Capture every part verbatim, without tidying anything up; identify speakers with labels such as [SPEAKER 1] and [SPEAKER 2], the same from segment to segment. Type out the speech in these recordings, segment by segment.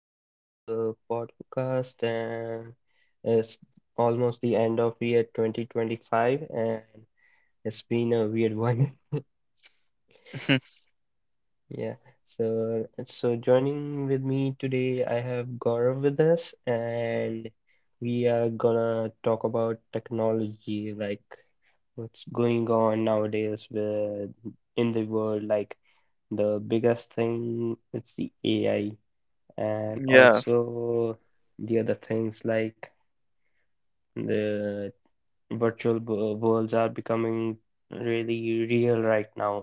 [SPEAKER 1] back to the podcast, and it's almost the end of year twenty twenty-five, and it's been a weird one.
[SPEAKER 2] Mhm.
[SPEAKER 1] Yeah, so so joining with me today I have Gaurav with us, and we are gonna talk about technology, like what's going on nowadays with in the world, like the biggest thing it's the A I, and
[SPEAKER 2] Yeah,
[SPEAKER 1] also the other things like the virtual wo- worlds are becoming really real right now.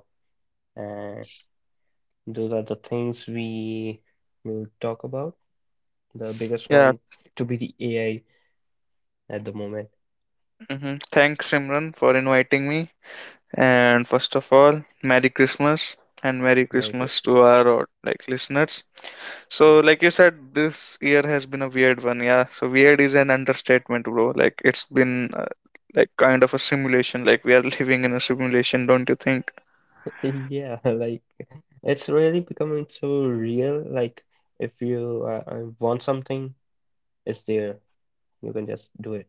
[SPEAKER 1] And those are the things we will talk about. The biggest one
[SPEAKER 2] yeah.
[SPEAKER 1] to be the A I at the moment.
[SPEAKER 2] hmm Thanks, Simran, for inviting me. And first of all, Merry Christmas and Merry
[SPEAKER 1] Merry
[SPEAKER 2] Christmas
[SPEAKER 1] Christmas.
[SPEAKER 2] to our uh, like listeners. So, like you said, this year has been a weird one. Yeah. So weird is an understatement, bro. Like it's been uh, like kind of a simulation. Like we are living in a simulation, don't you think?
[SPEAKER 1] Yeah, like it's really becoming so real. Like if you uh, uh, want something, it's there. You can just do it.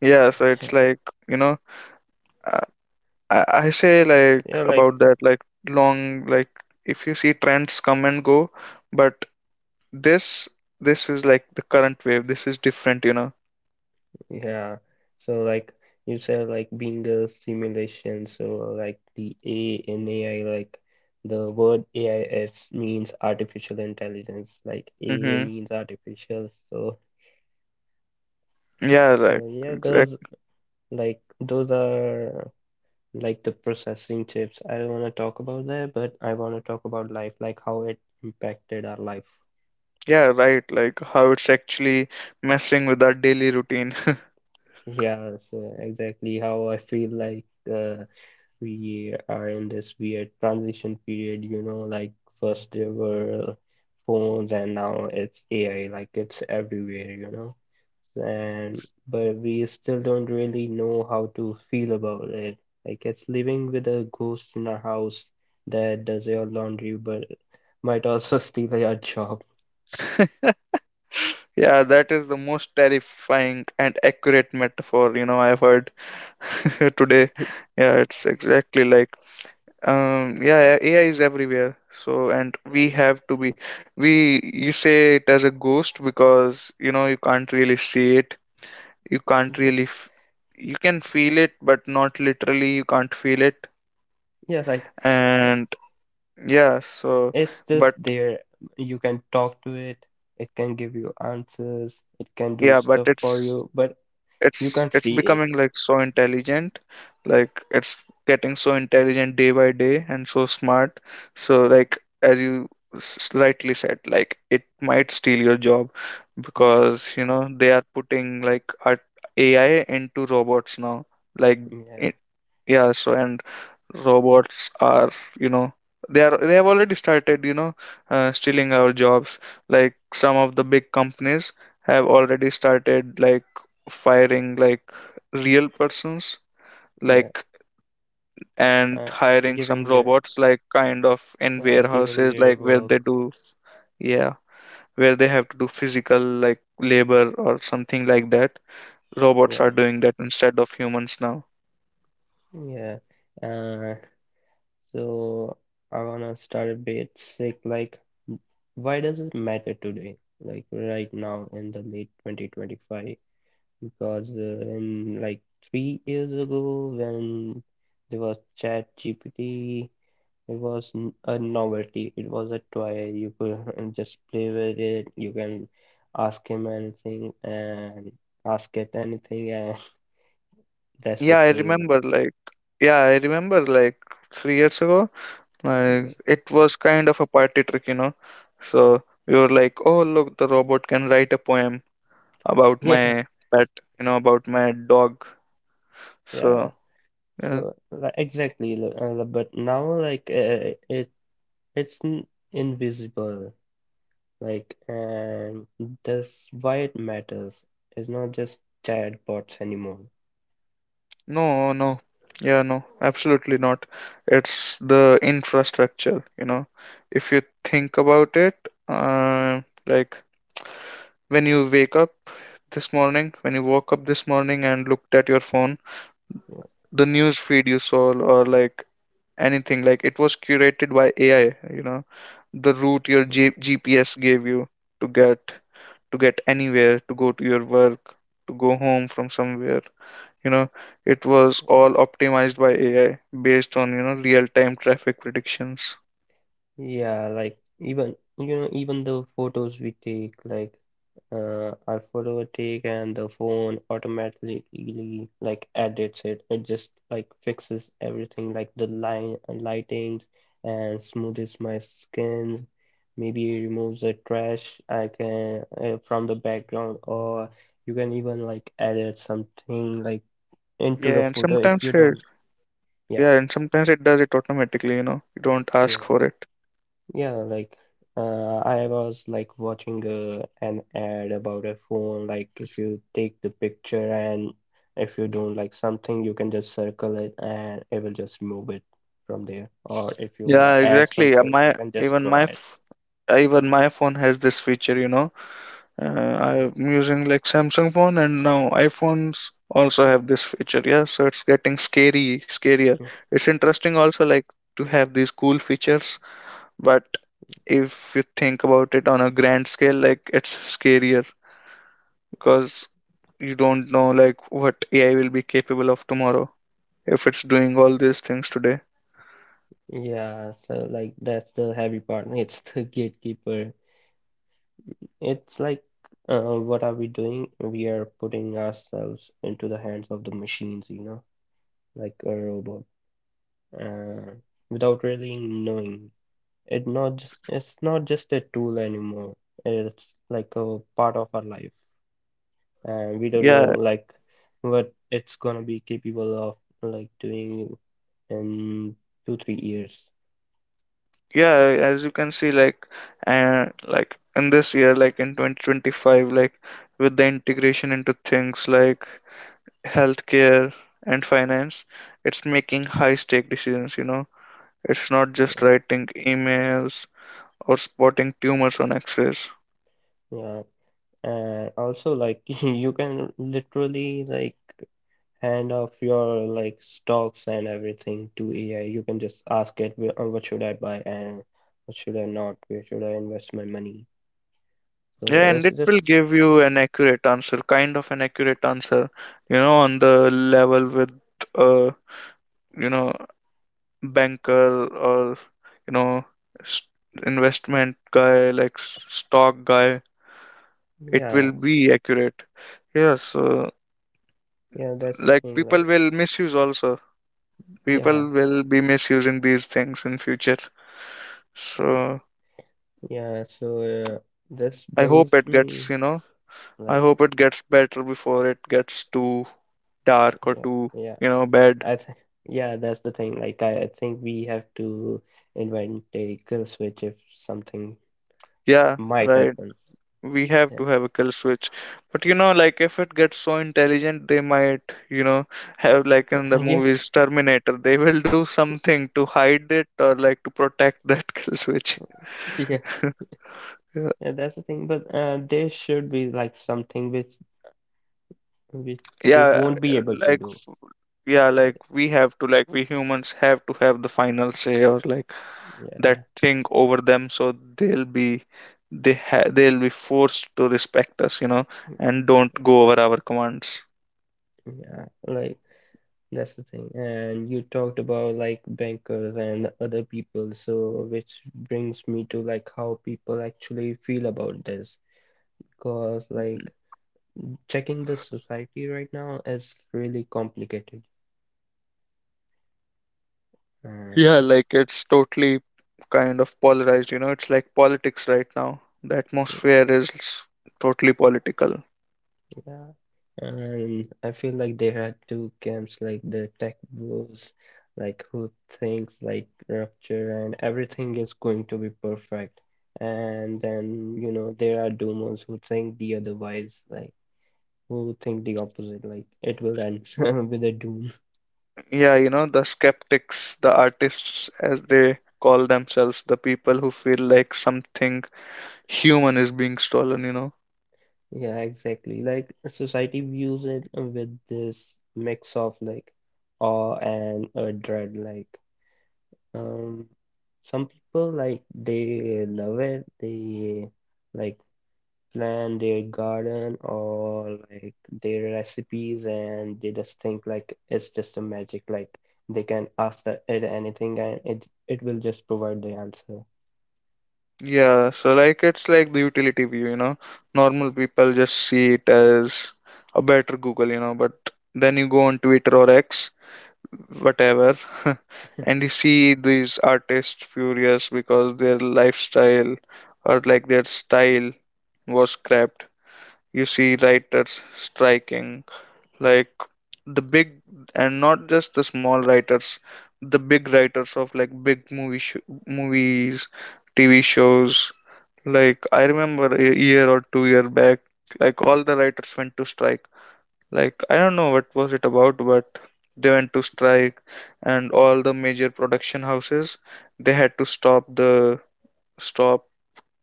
[SPEAKER 2] Yeah. So it's like you know, I, I I say like
[SPEAKER 1] Yeah, like.
[SPEAKER 2] about that like long like if you see trends come and go, but This this is like the current wave. This is different, you know.
[SPEAKER 1] Yeah. So like you said, like being a simulation, so like the A in A I, like the word A I S means artificial intelligence, like A
[SPEAKER 2] Mm-hmm.
[SPEAKER 1] means artificial. So
[SPEAKER 2] Yeah,
[SPEAKER 1] so
[SPEAKER 2] like
[SPEAKER 1] yeah,
[SPEAKER 2] exact.
[SPEAKER 1] those like those are like the processing chips. I don't want to talk about that, but I want to talk about life, like how it impacted our life.
[SPEAKER 2] Yeah, right. Like how it's actually messing with our daily routine.
[SPEAKER 1] Yeah, so exactly how I feel like uh we are in this weird transition period, you know, like first there were phones and now it's A I, like it's everywhere, you know. And but we still don't really know how to feel about it. Like it's living with a ghost in our house that does your laundry but might also steal your job.
[SPEAKER 2] Yeah, that is the most terrifying and accurate metaphor, you know, I've heard today. Yeah, it's exactly like um yeah, A I is everywhere. So, and we have to be, we you say it as a ghost because you know you can't really see it, you can't
[SPEAKER 1] Yeah,
[SPEAKER 2] really f- you can feel it but not literally, you can't feel it.
[SPEAKER 1] yeah, like i-
[SPEAKER 2] And yeah, so,
[SPEAKER 1] it's just
[SPEAKER 2] but
[SPEAKER 1] there. You can talk to it, it can give you answers, it can do
[SPEAKER 2] yeah, but
[SPEAKER 1] stuff for
[SPEAKER 2] it's
[SPEAKER 1] you, but you
[SPEAKER 2] it's
[SPEAKER 1] can't
[SPEAKER 2] it's
[SPEAKER 1] see it.
[SPEAKER 2] becoming like so intelligent, like it's getting so intelligent day by day and so smart, so like as you s- rightly said, like it might steal your job,
[SPEAKER 1] Yeah,
[SPEAKER 2] because you know they are putting like art A I into robots now, like
[SPEAKER 1] yeah,
[SPEAKER 2] it, yeah, so and robots are, you know, they are they have already started, you know, uh, stealing our jobs. Like some of the big companies have already started, like, firing like real persons,
[SPEAKER 1] yeah.
[SPEAKER 2] like, and
[SPEAKER 1] Uh,
[SPEAKER 2] hiring some
[SPEAKER 1] Giving their
[SPEAKER 2] robots, like kind of in
[SPEAKER 1] yeah, giving
[SPEAKER 2] warehouses,
[SPEAKER 1] their
[SPEAKER 2] like where
[SPEAKER 1] work.
[SPEAKER 2] they do, yeah, where they have to do physical like labor or something like that. Robots are
[SPEAKER 1] Yeah,
[SPEAKER 2] doing that instead of humans now.
[SPEAKER 1] yeah. Uh, so I wanna start a bit sick. Like, why does it matter today? Like right now in the late twenty twenty-five? Because uh, in like three years ago when there was Chat G P T, it was n- a novelty. It was a toy. You could just play with it. You can ask him anything and ask it anything, and that's the
[SPEAKER 2] yeah i
[SPEAKER 1] thing.
[SPEAKER 2] remember like yeah i remember like three years ago, like it was kind of a party trick, you know. So we were like, "Oh, look, the robot can write a poem about my
[SPEAKER 1] Yeah,
[SPEAKER 2] pet, you know, about my dog." So
[SPEAKER 1] yeah.
[SPEAKER 2] yeah,
[SPEAKER 1] So like, exactly, li- uh, but now like uh, it it's n- invisible. Like, and that's why it matters. It's not just chatbots anymore.
[SPEAKER 2] no, no, yeah, no, absolutely not. It's the infrastructure, you know. If you think about it, uh, like when you wake up this morning, when you woke up this morning and looked at your phone,
[SPEAKER 1] Yeah.
[SPEAKER 2] the news feed you saw, or like anything, like, it was curated by A I, you know. The route your G GPS gave you to get to get anywhere, to go to your work, to go home from somewhere, you know, it was all optimized by A I based on, you know, real-time traffic predictions.
[SPEAKER 1] Yeah, like even you know even the photos we take, like uh, our photo take and the phone automatically like edits it. It just like fixes everything, like the line uh, lightings and smoothes my skin. Maybe it removes the trash I can uh, from the background, or you can even like edit something like into
[SPEAKER 2] Yeah,
[SPEAKER 1] the
[SPEAKER 2] and
[SPEAKER 1] photo if
[SPEAKER 2] sometimes
[SPEAKER 1] you
[SPEAKER 2] it,
[SPEAKER 1] don't. Yeah,
[SPEAKER 2] yeah, and sometimes it does it automatically, you know. You don't ask
[SPEAKER 1] yeah.
[SPEAKER 2] for it.
[SPEAKER 1] Yeah, like uh, I was like watching uh, an ad about a phone. Like if you take the picture and if you don't like something, you can just circle it and it will just remove it from there. Or if you
[SPEAKER 2] Yeah,
[SPEAKER 1] wanna add
[SPEAKER 2] exactly. Uh,
[SPEAKER 1] something, you
[SPEAKER 2] My
[SPEAKER 1] can just
[SPEAKER 2] even
[SPEAKER 1] draw
[SPEAKER 2] my
[SPEAKER 1] it.
[SPEAKER 2] f- even my phone has this feature, you know. Uh,
[SPEAKER 1] Yeah.
[SPEAKER 2] I'm using like Samsung phone, and now iPhones also have this feature. Yeah, so it's getting scary, scarier.
[SPEAKER 1] Mm.
[SPEAKER 2] It's interesting also, like, to have these cool features, but if you think about it on a grand scale, like, it's scarier because you don't know like what A I will be capable of tomorrow if it's doing all these things today.
[SPEAKER 1] Yeah, so like that's the heavy part. It's the gatekeeper. It's like uh, what are we doing? We are putting ourselves into the hands of the machines, you know, like a robot, uh, without really knowing. It not just, it's not just a tool anymore. It's like a part of our life, and we don't know
[SPEAKER 2] Yeah,
[SPEAKER 1] like what it's gonna be capable of like doing in two three years.
[SPEAKER 2] yeah, as you can see, like, uh, like in this year, like in twenty twenty-five, like with the integration into things like healthcare and finance, it's making high stake decisions, you know. It's not just
[SPEAKER 1] Yeah,
[SPEAKER 2] writing emails or spotting tumors on x-rays.
[SPEAKER 1] yeah. And also like you can literally like hand off your like stocks and everything to A I. You can just ask it, "Wh- uh, what should I buy and what should I not? Where should I invest my money?" So
[SPEAKER 2] Yeah, and
[SPEAKER 1] it's
[SPEAKER 2] it will
[SPEAKER 1] just
[SPEAKER 2] give you an accurate answer, kind of an accurate answer, you know, on the level with a, you know, banker, or, you know, s- investment guy, like s- stock guy. It
[SPEAKER 1] yeah,
[SPEAKER 2] will be accurate, yeah. So,
[SPEAKER 1] yeah, that's the
[SPEAKER 2] like,
[SPEAKER 1] thing.
[SPEAKER 2] people
[SPEAKER 1] Like
[SPEAKER 2] will misuse also,
[SPEAKER 1] yeah,
[SPEAKER 2] people will be misusing these things in future. So
[SPEAKER 1] yeah. So uh, this
[SPEAKER 2] I hope
[SPEAKER 1] brings
[SPEAKER 2] it
[SPEAKER 1] me
[SPEAKER 2] gets, you know, I
[SPEAKER 1] like
[SPEAKER 2] hope it gets better before it gets too dark or
[SPEAKER 1] yeah,
[SPEAKER 2] too,
[SPEAKER 1] yeah.
[SPEAKER 2] you know, bad.
[SPEAKER 1] I th Yeah, that's the thing. Like I, I think we have to invent a kill switch if something
[SPEAKER 2] Yeah,
[SPEAKER 1] might
[SPEAKER 2] right.
[SPEAKER 1] happen.
[SPEAKER 2] We have
[SPEAKER 1] Yeah,
[SPEAKER 2] to have a kill switch. But you know, like, if it gets so intelligent, they might, you know, have, like in the
[SPEAKER 1] yeah,
[SPEAKER 2] movies Terminator, they will do something to hide it or like to protect that kill switch.
[SPEAKER 1] yeah. Yeah, that's the thing. But uh, there should be like something which which they
[SPEAKER 2] Yeah,
[SPEAKER 1] won't be able to
[SPEAKER 2] like
[SPEAKER 1] do.
[SPEAKER 2] yeah like
[SPEAKER 1] Like.
[SPEAKER 2] we have to like we humans have to have the final say, or like, that
[SPEAKER 1] Yeah,
[SPEAKER 2] thing over them, so they'll be they ha- they'll be forced to respect us, you know, and don't go over our commands.
[SPEAKER 1] yeah. Like. That's the thing. And you talked about like bankers and other people, so which brings me to like how people actually feel about this. Because like checking the society right now is really complicated. Uh,
[SPEAKER 2] Yeah,
[SPEAKER 1] like
[SPEAKER 2] like, it's totally kind of polarized, you know. It's like politics right now. The
[SPEAKER 1] y-
[SPEAKER 2] atmosphere is totally political.
[SPEAKER 1] yeah. And I feel like there are two camps like the tech bros, like who thinks like rupture and everything is going to be perfect. And then, you know, there are doomers who think the otherwise, like who think the opposite, like it will end with a doom.
[SPEAKER 2] Yeah, you know, the skeptics, the artists, as they call themselves, the people who feel like something human is being stolen, you know.
[SPEAKER 1] Yeah, exactly. Like society views it with this mix of like awe and a dread. Like um, some people like they love it. They like plan their garden or like their recipes, and they just think like it's just a magic. Like they can ask the, it anything, and it it will just provide the answer.
[SPEAKER 2] Yeah, so, like, it's like the utility view, you know. Normal people just see it as a better Google, you know, but then you go on Twitter or X, whatever, and you see these artists furious because their lifestyle, or, like, their style was scrapped. You see writers striking, like, the big and not just the small writers, the big writers of, like, big movie sh movies, T V shows. Like, I remember a year or two year back, like, all the writers went to strike. Like, I don't know what was it about, but they went to strike, and all the major production houses, they had to stop the stop,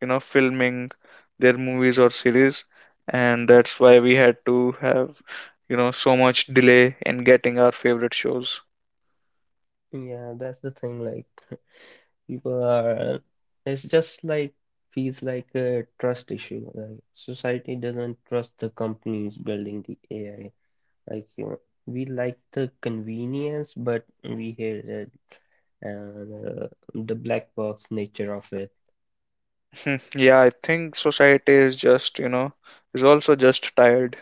[SPEAKER 2] you know, filming their movies or series, and that's why we had to have, you know, so much delay in getting our favorite shows.
[SPEAKER 1] Yeah, that's the thing. Like. People are, it's just like, feels like a trust issue. Like society doesn't trust the companies building the A I. Like, you know, we like the convenience, but we hate it. And uh, the black box nature of it.
[SPEAKER 2] Hmm. Yeah, I think society is just, you know, is also just tired.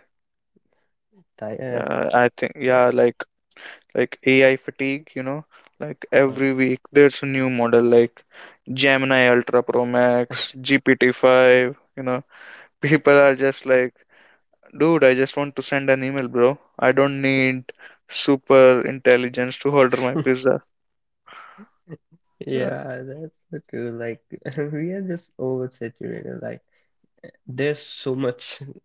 [SPEAKER 1] Ti- uh,
[SPEAKER 2] Uh, I think, yeah,
[SPEAKER 1] yeah.
[SPEAKER 2] like, like A I fatigue, you know, like
[SPEAKER 1] uh,
[SPEAKER 2] every week there's a new model like Gemini Ultra Pro Max, G P T five, you know. People are just like, dude, I just want to send an email, bro. I don't need super intelligence to order my pizza. Yeah,
[SPEAKER 1] Yeah, that's so true. Like we are just oversaturated. Like there's so much.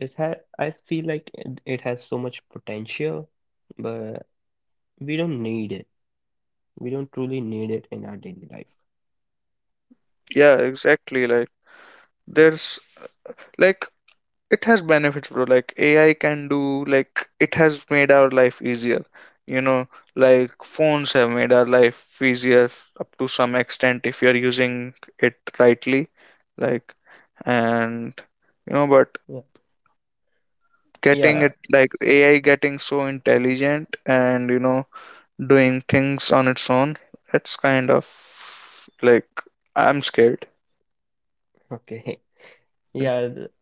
[SPEAKER 1] It had. I feel like it, it has so much potential, but we don't need it. We don't truly need it in our daily life.
[SPEAKER 2] yeah, exactly. Like, there's, like, it has benefits, bro. Like AI can do, like, it has made our life easier, you know, like phones have made our life easier up to some extent if you're using it rightly, like, and you know, but
[SPEAKER 1] Yeah.
[SPEAKER 2] getting
[SPEAKER 1] Yeah.
[SPEAKER 2] it like AI getting so intelligent and, you know, doing things on its own, it's kind of, like, I'm scared.
[SPEAKER 1] Okay. Yeah. th-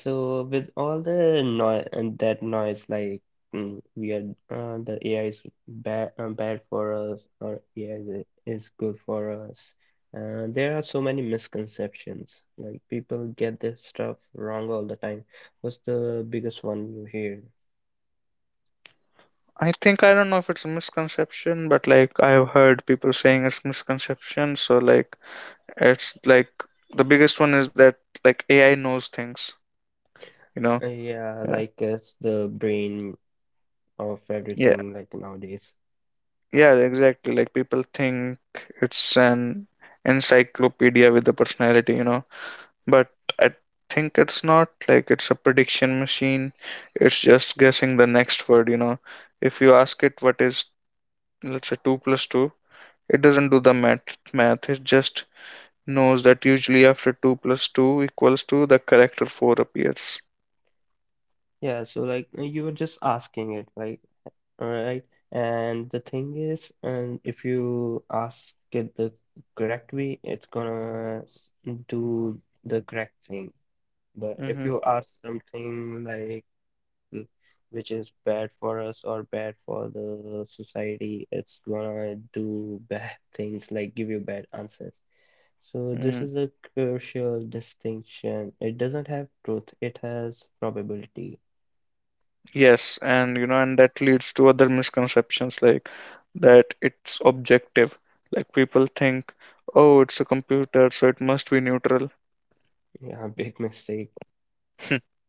[SPEAKER 1] So with all the noise and that noise, like mm, we are uh, the A I is bad uh, bad for us, or A I is, is good for us. Uh, there are so many misconceptions. Like people get this stuff wrong all the time. What's the biggest one you hear?
[SPEAKER 2] I think, I don't know if it's a misconception, but, like, I've heard people saying it's misconception. So, like, it's like the biggest one is that, like, A I knows things, you know?
[SPEAKER 1] Uh, yeah,
[SPEAKER 2] Yeah.
[SPEAKER 1] like it's the brain of
[SPEAKER 2] Yeah.
[SPEAKER 1] everything, like nowadays.
[SPEAKER 2] Yeah, exactly. Like, people think it's an encyclopedia with a personality, you know. But I think it's not, like, it's a prediction machine. It's just guessing the next word, you know. If you ask it what is, let's say, two plus two, it doesn't do the math math. It just knows that usually after two plus two equals two, the character four appears.
[SPEAKER 1] Yeah, so like uh, you were just asking it, right? All right. And the thing is, and if you ask it the correct way, it's gonna s- do the correct thing. But if
[SPEAKER 2] Hmm.
[SPEAKER 1] you ask something like mm, which is bad for us or bad for the society, it's gonna do bad things, like give you bad answers. So this
[SPEAKER 2] Mm.
[SPEAKER 1] is a crucial distinction. It doesn't have truth, it has probability.
[SPEAKER 2] Yes, and you know, and that leads to other misconceptions, like that it's objective. Like, people think, oh, it's a computer, so it must be neutral.
[SPEAKER 1] Yeah, big mistake.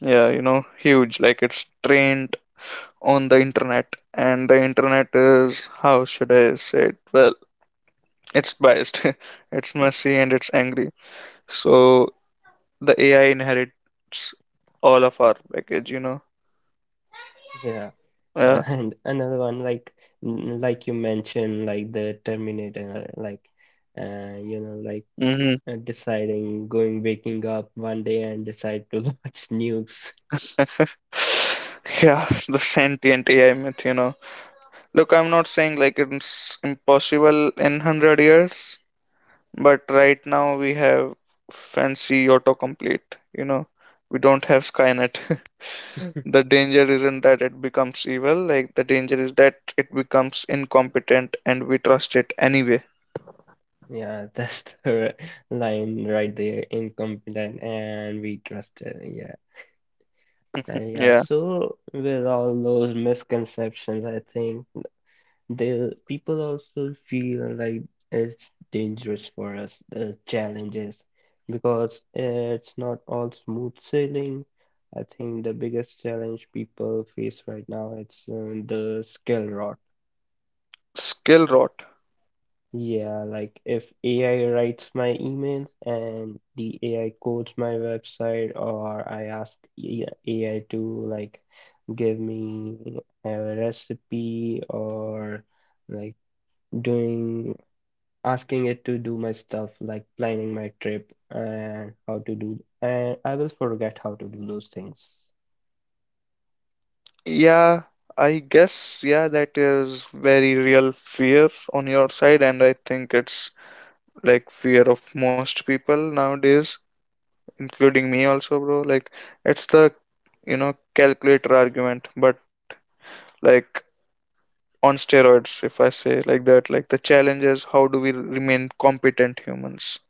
[SPEAKER 2] Yeah, you know, huge. Like, it's trained on the internet, and the internet is, how should I say it? Well, it's biased, it's messy, and it's angry. So the A I inherits all of our baggage, you know.
[SPEAKER 1] Yeah. Uh,
[SPEAKER 2] Yeah.
[SPEAKER 1] and another one like n- like you mentioned like the Terminator like uh you know like
[SPEAKER 2] Hmm.
[SPEAKER 1] uh, deciding going waking up one day and decide to launch nukes.
[SPEAKER 2] Yeah, the sentient A I myth, you know. Look, I'm not saying, like, it's impossible in one hundred years, but right now we have fancy autocomplete, you know. We don't have Skynet. The danger isn't that it becomes evil, like, the danger is that it becomes incompetent and we trust it anyway.
[SPEAKER 1] Yeah, that's the line right there, incompetent and we trusted. Yeah. Uh, yeah,
[SPEAKER 2] Yeah.
[SPEAKER 1] so with all those misconceptions, I think the people also feel like it's dangerous for us, the challenges, because it's not all smooth sailing. I think the biggest challenge people face right now it's uh, the skill rot.
[SPEAKER 2] Skill rot.
[SPEAKER 1] Yeah, like if A I writes my emails and the A I codes my website, or I ask E, A- AI to like give me a recipe or like doing asking it to do my stuff like planning my trip and how to do, and I will forget how to do those things.
[SPEAKER 2] Yeah, I guess, yeah, that is very real fear on your side, and I think it's, like, fear of most people nowadays, including me also, bro. Like, it's the, you know, calculator argument, but, like, on steroids, if I say like that. Like, the challenge is, how do we remain competent humans,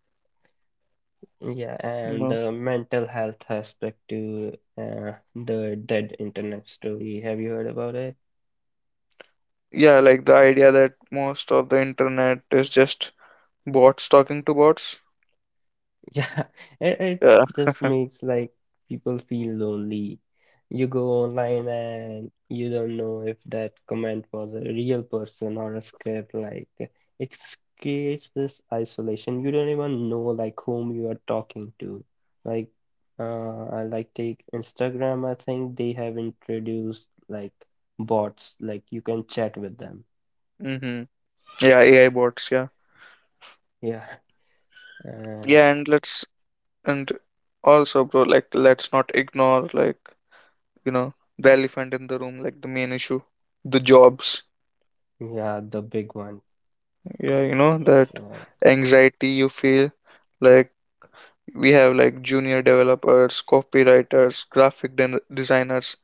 [SPEAKER 1] Yeah,
[SPEAKER 2] you
[SPEAKER 1] and
[SPEAKER 2] know?
[SPEAKER 1] the mental health aspect to uh, the dead internet story. Have you heard about it?
[SPEAKER 2] Yeah, like the idea that most of the internet is just bots talking to bots.
[SPEAKER 1] Yeah, it, it
[SPEAKER 2] Yeah.
[SPEAKER 1] just makes like people feel lonely. You go online and you don't know if that comment was a real person or a script. Like it creates this isolation. You don't even know like whom you are talking to. Like uh, I like take Instagram. I think they have introduced like bots. Like you can chat with them.
[SPEAKER 2] Mm-hmm. Yeah, A I bots, yeah.
[SPEAKER 1] Yeah, uh,
[SPEAKER 2] Yeah, and let's and also, bro, like, let's not ignore, like, you know, the elephant in the room, like the main issue, the jobs.
[SPEAKER 1] yeah, the big one.
[SPEAKER 2] Yeah, you know that
[SPEAKER 1] Yeah.
[SPEAKER 2] anxiety you feel, like, we have, like, junior developers, copywriters, graphic den- designers,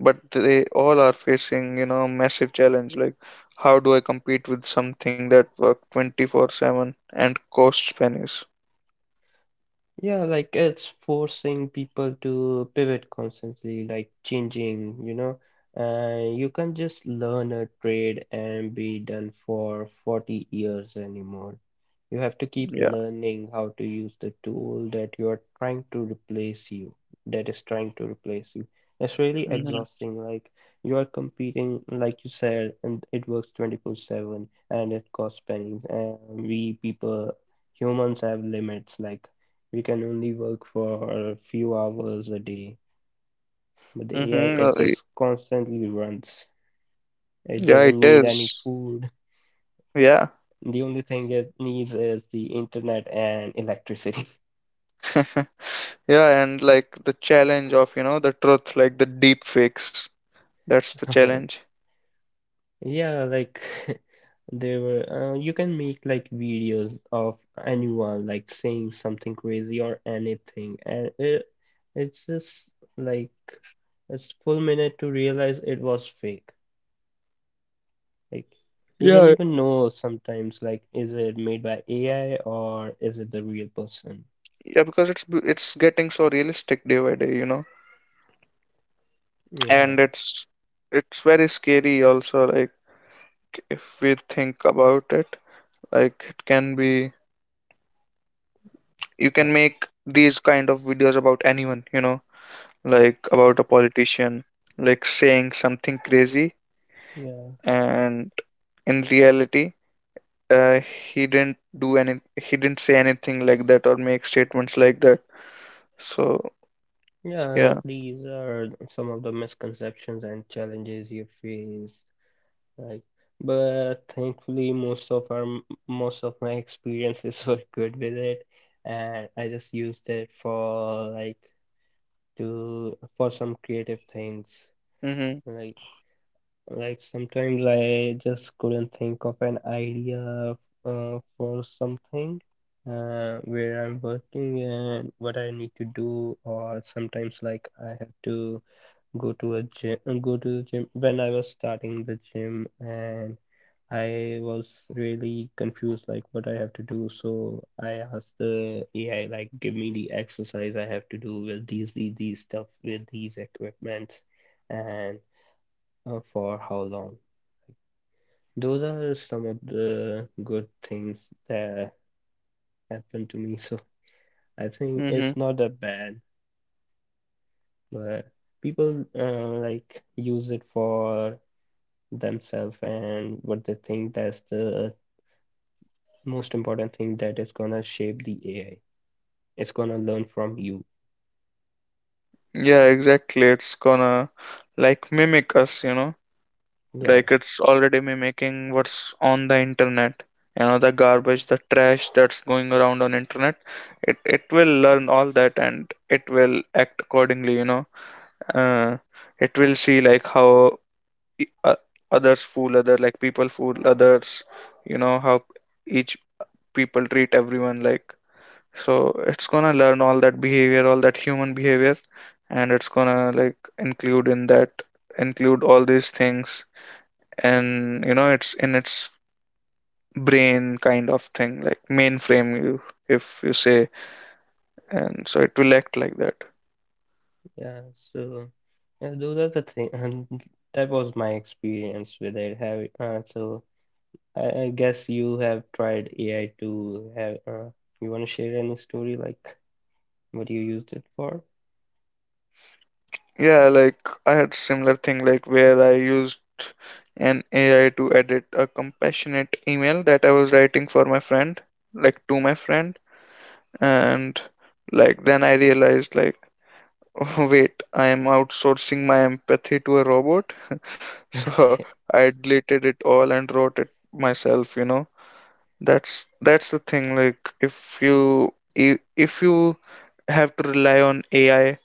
[SPEAKER 2] but they all are facing, you know, massive challenge, like, how do I compete with something that work twenty-four seven and costs pennies?
[SPEAKER 1] Yeah, like it's forcing people to pivot constantly, like changing, you know. And you can't just learn a trade and be done for forty years anymore. You have to keep
[SPEAKER 2] Yeah,
[SPEAKER 1] learning how to use the tool that you are trying to replace you, that is trying to replace you. It's really
[SPEAKER 2] mm-hmm.
[SPEAKER 1] exhausting. Like you are competing, like you said, and it works twenty-four seven and it costs pennies. And we people, humans have limits. Like we can only work for a few hours a day. But the A I,
[SPEAKER 2] Mm-hmm.
[SPEAKER 1] it
[SPEAKER 2] Uh,
[SPEAKER 1] just constantly runs. It
[SPEAKER 2] yeah,
[SPEAKER 1] doesn't
[SPEAKER 2] it
[SPEAKER 1] need any
[SPEAKER 2] is,
[SPEAKER 1] food.
[SPEAKER 2] yeah.
[SPEAKER 1] The only thing it needs is the internet and electricity.
[SPEAKER 2] Yeah, and like, the challenge of, you know, the truth, like, the deep fakes. That's the challenge.
[SPEAKER 1] Yeah, like there were uh, you can make like videos of anyone like saying something crazy or anything, and it it's just like it's full minute to realize it was fake. Like you don't
[SPEAKER 2] Yeah.
[SPEAKER 1] even know sometimes like is it made by A I or is it the real person?
[SPEAKER 2] Yeah, because it's b- it's getting so realistic day by day, you know.
[SPEAKER 1] Yeah,
[SPEAKER 2] And it's it's very scary also, like, if we think about it, like, it can be you
[SPEAKER 1] yeah,
[SPEAKER 2] can make these kind of videos about anyone, you know, like about a politician, like saying something crazy,
[SPEAKER 1] yeah.
[SPEAKER 2] and in reality, uh, he didn't do any he didn't say anything like that, or make statements like that, so
[SPEAKER 1] Yeah,
[SPEAKER 2] yeah.
[SPEAKER 1] like these are some of the misconceptions and challenges you face. Like, but thankfully most of our most of my experiences were good with it, and I just used it for like to for some creative things.
[SPEAKER 2] Mm-hmm,
[SPEAKER 1] Like Like sometimes I just couldn't think of an idea uh, for something uh, where I'm working and what I need to do, or sometimes like I have to go to a gym, go to the gym when I was starting the gym and I was really confused like what I have to do. So I asked the A I like give me the exercise I have to do with these these, these stuff with these equipments and uh, for how long. Those are some of the good things that happened to me. So I think
[SPEAKER 2] mm-hmm.
[SPEAKER 1] it's not that bad, but people uh, like use it for themselves and what they think that's the most important thing that is gonna shape the A I. It's gonna learn from you.
[SPEAKER 2] Yeah, exactly, it's gonna like mimic us, you know.
[SPEAKER 1] Yeah,
[SPEAKER 2] Like, it's already mimicking what's on the internet, you know, the garbage, the trash that's going around on internet. It it will learn all that and it will act accordingly, you know. uh, it will see like how e- o- others fool other, like people fool others, you know, how each people treat everyone like. So it's gonna learn all that behavior, all that human behavior, and it's gonna like include in that, include all these things, and you know, it's in its brain kind of thing, like mainframe you, if you say, and so it will act like that.
[SPEAKER 1] yeah. So yeah, those are the thing, and that was my experience with it. Have uh, so I, I guess you have tried A I to have, uh, you want to share any story like what you used it for?
[SPEAKER 2] Yeah, like I had similar thing like where I used an A I to edit a compassionate email that I was writing for my friend, like to my friend, and like then I realized like, oh, wait, I am outsourcing my empathy to a robot. So
[SPEAKER 1] Okay.
[SPEAKER 2] I deleted it all and wrote it myself, you know. That's that's the thing, like if you i- if you have to rely on AI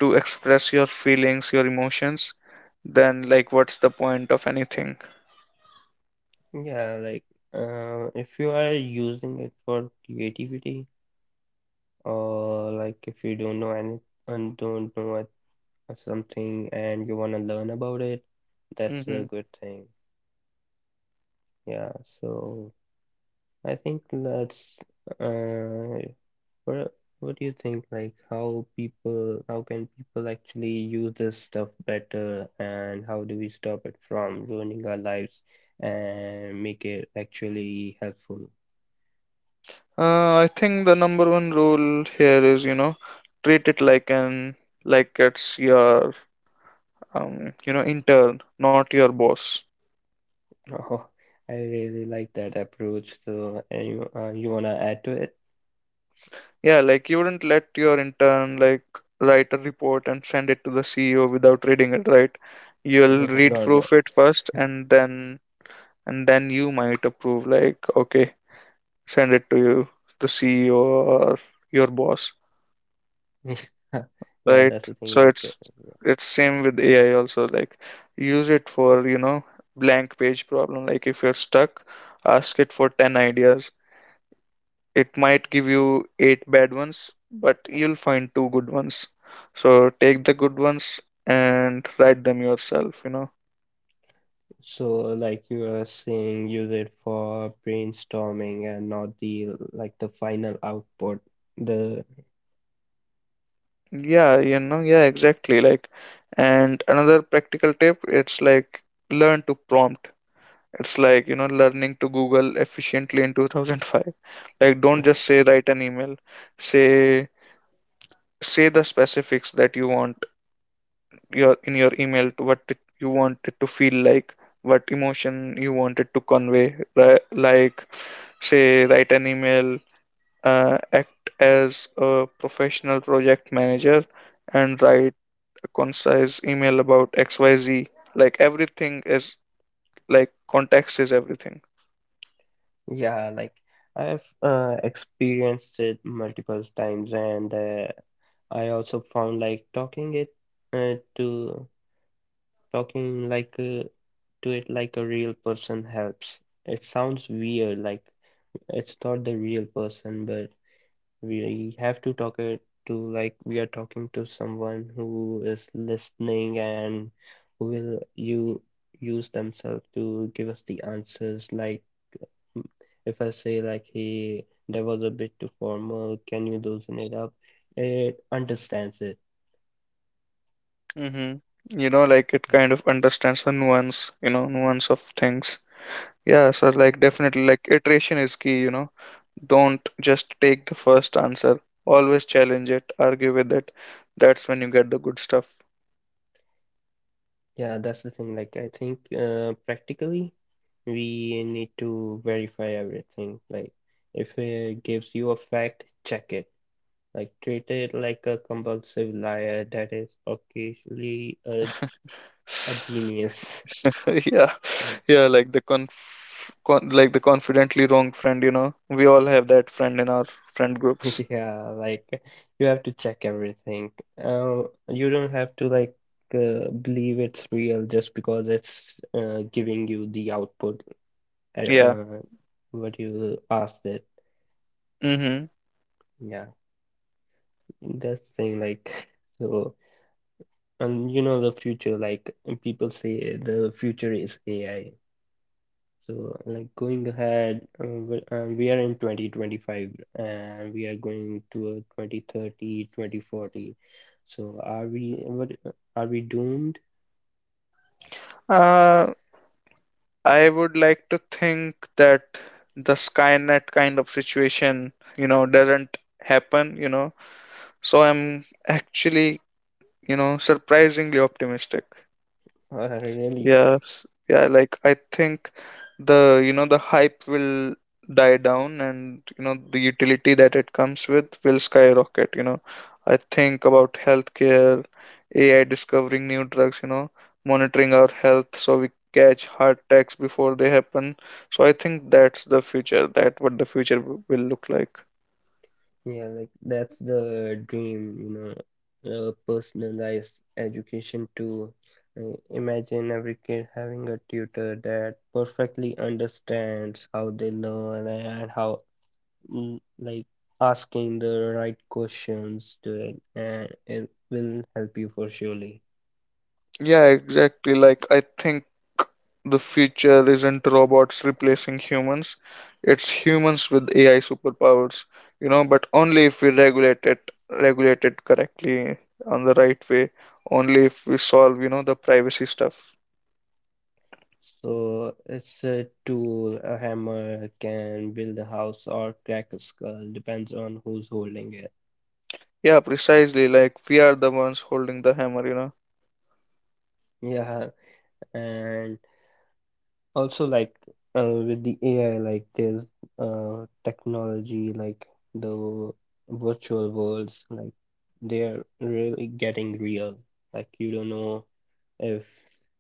[SPEAKER 2] to express your feelings, your emotions, then like what's the point of anything?
[SPEAKER 1] Yeah, like uh, if you are using it for creativity or like if you don't know any and don't know what- uh, something and you want to learn about it, that's a
[SPEAKER 2] Hmm.
[SPEAKER 1] good thing. Yeah, so. I think let's. Uh, what What do you think? Like, how people, how can people actually use this stuff better, and how do we stop it from ruining our lives and make it actually helpful?
[SPEAKER 2] uh, I think the number one rule here is, you know, treat it like an, like it's your, um, you know, intern, not your boss.
[SPEAKER 1] Oh, I really like that approach. So, any uh, you wanna add to it?
[SPEAKER 2] Yeah, like you wouldn't let your intern like write a report and send it to the C E O without reading it, right? You'll read
[SPEAKER 1] No, no.
[SPEAKER 2] proof it first, and then and then you might approve like, okay, send it to you, the C E O or your boss,
[SPEAKER 1] Yeah,
[SPEAKER 2] right?
[SPEAKER 1] that's the thing.
[SPEAKER 2] So
[SPEAKER 1] Like.
[SPEAKER 2] it's it's same with A I also, like use it for, you know, blank page problem. Like if you're stuck, ask it for ten ideas. It might give you eight bad ones, but you'll find two good ones. So take the good ones and write them yourself, you know.
[SPEAKER 1] So, like you are saying, use it for brainstorming and not the like the final output. The
[SPEAKER 2] Yeah, you know, yeah, exactly. Like, and another practical tip, it's like learn to prompt. It's like, you know, learning to Google efficiently in two thousand five. Like, don't just say write an email. Say say the specifics that you want your in your email to what it, you want it to feel like, what emotion you want it to convey, ri- like say write an email, uh, act as a professional project manager and write a concise email about xyz. Like everything is, like context is everything.
[SPEAKER 1] yeah, like I've uh, experienced it multiple times, and uh, I also found like talking it uh, to talking like uh, to it like a real person helps. It sounds weird, like it's not the real person, but we have to talk it to like we are talking to someone who is listening and who will you use themselves to give us the answers. Like mm, if I say like hey, that was a bit too formal, can you loosen it up? It understands it.
[SPEAKER 2] Hmm. You know, like it
[SPEAKER 1] Yeah.
[SPEAKER 2] kind of understands the nuance, you know, nuance of things. Yeah, so like
[SPEAKER 1] Yeah,
[SPEAKER 2] definitely like iteration is key, you know. Don't just take the first answer. Always challenge it, argue with it. That's when you get the good stuff.
[SPEAKER 1] yeah, that's the thing. Like I think uh, practically we need to verify everything. Like if it gives you a fact, check it. Like treated like a compulsive liar that is occasionally a, a genius.
[SPEAKER 2] Yeah, yeah, like the conf con like the confidently wrong friend, you know. We all have that friend in our friend groups.
[SPEAKER 1] Yeah, like you have to check everything. Um, you don't have to like uh, believe it's real just because it's uh, giving you the output uh,
[SPEAKER 2] Yeah.
[SPEAKER 1] uh, what you asked it.
[SPEAKER 2] Mm-hmm.
[SPEAKER 1] Yeah, that's the thing like so and you know the future like people say the future is A I. So, like going ahead, uh, we uh, we are in twenty twenty-five and we are going to twenty thirty, twenty forty. So, are we what are we doomed?
[SPEAKER 2] Uh, I would like to think that the Skynet kind of situation, you know, doesn't happen, you know. So I'm actually, you know, surprisingly optimistic.
[SPEAKER 1] Uh, really?
[SPEAKER 2] Yes, yeah, like I think the, you know, the hype will die down, and you know the utility that it comes with will skyrocket, you know. I think about healthcare, A I discovering new drugs, you know, monitoring our health so we catch heart attacks before they happen. So I think that's the future, that what the future w- will look like.
[SPEAKER 1] Yeah, like that's the dream, you know, uh, personalized education to uh, imagine every kid having a tutor that perfectly understands how they learn and how mm, like asking the right questions to it and it will help you for surely.
[SPEAKER 2] Yeah, exactly. Like, I think the future isn't robots replacing humans, it's humans with A I superpowers, you know, but only if we regulate it, regulate it correctly on the right way, only if we solve, you know, the privacy stuff.
[SPEAKER 1] So it's a tool, a hammer can build a house or crack a skull, depends on who's holding it.
[SPEAKER 2] Yeah, precisely. Like, we are the ones holding the hammer, you know.
[SPEAKER 1] Yeah, and also, like uh, with the A I, like there's uh, technology, like the virtual worlds, like they're really getting real. Like you don't know if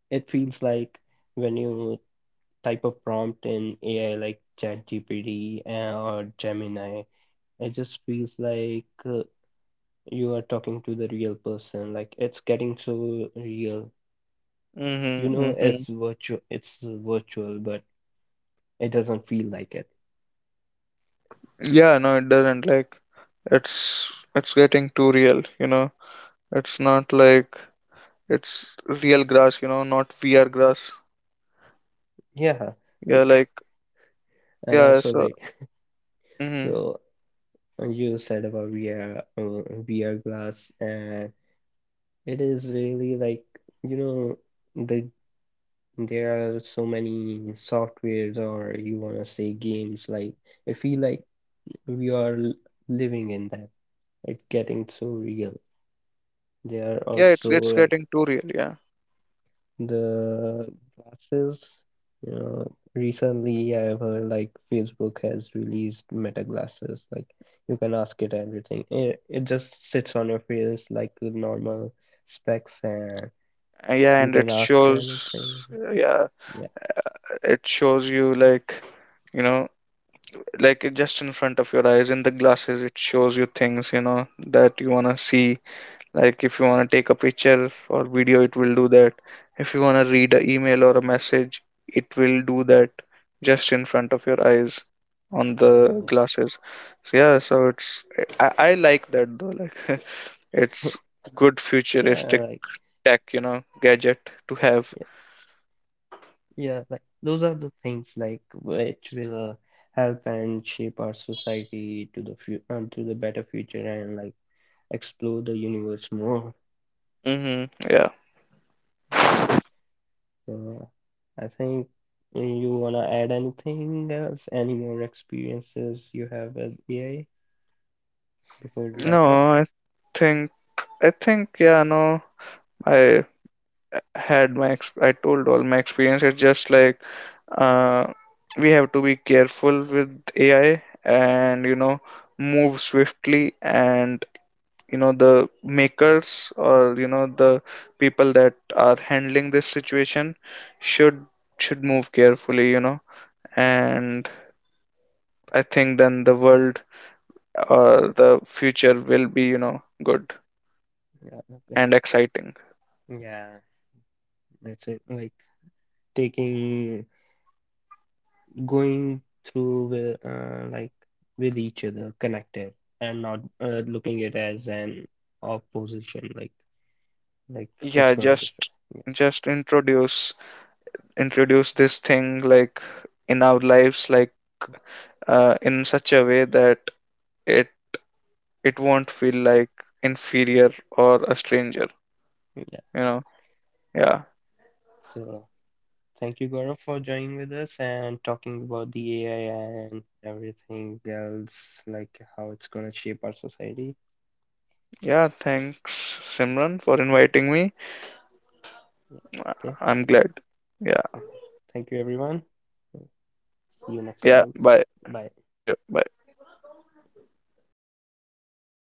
[SPEAKER 1] it feels like when you type a prompt in A I like ChatGPT uh, or Gemini, it just feels like uh, you are talking to the real person. Like it's getting so real. You
[SPEAKER 2] Mm-hmm,
[SPEAKER 1] know,
[SPEAKER 2] mm-hmm.
[SPEAKER 1] it's virtual, it's virtual, but it doesn't feel like it.
[SPEAKER 2] Yeah, no, it doesn't. Like, it's it's getting too real, you know. It's not like it's real grass, you know, not V R grass.
[SPEAKER 1] Yeah,
[SPEAKER 2] Yeah, like
[SPEAKER 1] like and
[SPEAKER 2] yeah,
[SPEAKER 1] also
[SPEAKER 2] so
[SPEAKER 1] like
[SPEAKER 2] hmm
[SPEAKER 1] so uh, you said about V R uh, V R glass and it is really like you know the there are so many softwares or you want to say games like I feel like we are l- living in that it getting so real. There are
[SPEAKER 2] yeah, it's
[SPEAKER 1] also
[SPEAKER 2] it's
[SPEAKER 1] like
[SPEAKER 2] getting too real, yeah.
[SPEAKER 1] the glasses, you know, recently I've heard like Facebook has released Meta glasses. Like you can ask it everything. It, it just sits on your face like the normal specs, and
[SPEAKER 2] Uh, yeah,
[SPEAKER 1] you
[SPEAKER 2] and
[SPEAKER 1] can
[SPEAKER 2] it
[SPEAKER 1] ask anything.
[SPEAKER 2] shows, yeah,
[SPEAKER 1] Yeah,
[SPEAKER 2] it shows you like, you know, like it just in front of your eyes in the glasses, it shows you things, you know, that you wanna see, like if you want to take a picture or video it will do that, if you want to read an email or a message it will do that, just in front of your eyes, on the
[SPEAKER 1] yeah,
[SPEAKER 2] glasses. So yeah, so it's i, I like that though, like it's good
[SPEAKER 1] yeah.
[SPEAKER 2] futuristic
[SPEAKER 1] Like
[SPEAKER 2] tech, you know, gadget to have.
[SPEAKER 1] yeah, yeah. Like those are the things like which will uh, help and shape our society to the fu- uh, to the better future and like explore the universe more.
[SPEAKER 2] Mm-hmm,
[SPEAKER 1] Yeah.
[SPEAKER 2] yeah.
[SPEAKER 1] So I think you wanna add anything else, any more experiences you have with A I before we
[SPEAKER 2] No,
[SPEAKER 1] wrap up?
[SPEAKER 2] I think i think yeah, no, I had my ex- I told all my experience, it's just like, uh, we have to be careful with A I, and you know move swiftly, and you know the makers, or you know the people that are handling this situation should should move carefully, you know. And I think then the world or the future will be, you know, good
[SPEAKER 1] Yeah, okay.
[SPEAKER 2] and exciting.
[SPEAKER 1] Yeah, that's it. Like taking, going through with, uh, like with each other, connected, and not uh, looking it as an opposition, like like it's
[SPEAKER 2] Yeah,
[SPEAKER 1] gonna differ.
[SPEAKER 2] just just introduce introduce this thing like in our lives, like uh, in such a way that it it won't feel like inferior or a stranger,
[SPEAKER 1] Yeah, yeah.
[SPEAKER 2] you know. Yeah.
[SPEAKER 1] So. Thank you, Gaurav, for joining with us and talking about the A I and everything else, like how it's going to shape our society.
[SPEAKER 2] Yeah, thanks Simran for inviting me.
[SPEAKER 1] Yeah. Okay.
[SPEAKER 2] I'm glad. Yeah.
[SPEAKER 1] Okay. Thank you, everyone. See you next
[SPEAKER 2] Yeah,
[SPEAKER 1] time.
[SPEAKER 2] bye.
[SPEAKER 1] Bye.
[SPEAKER 2] See you, bye.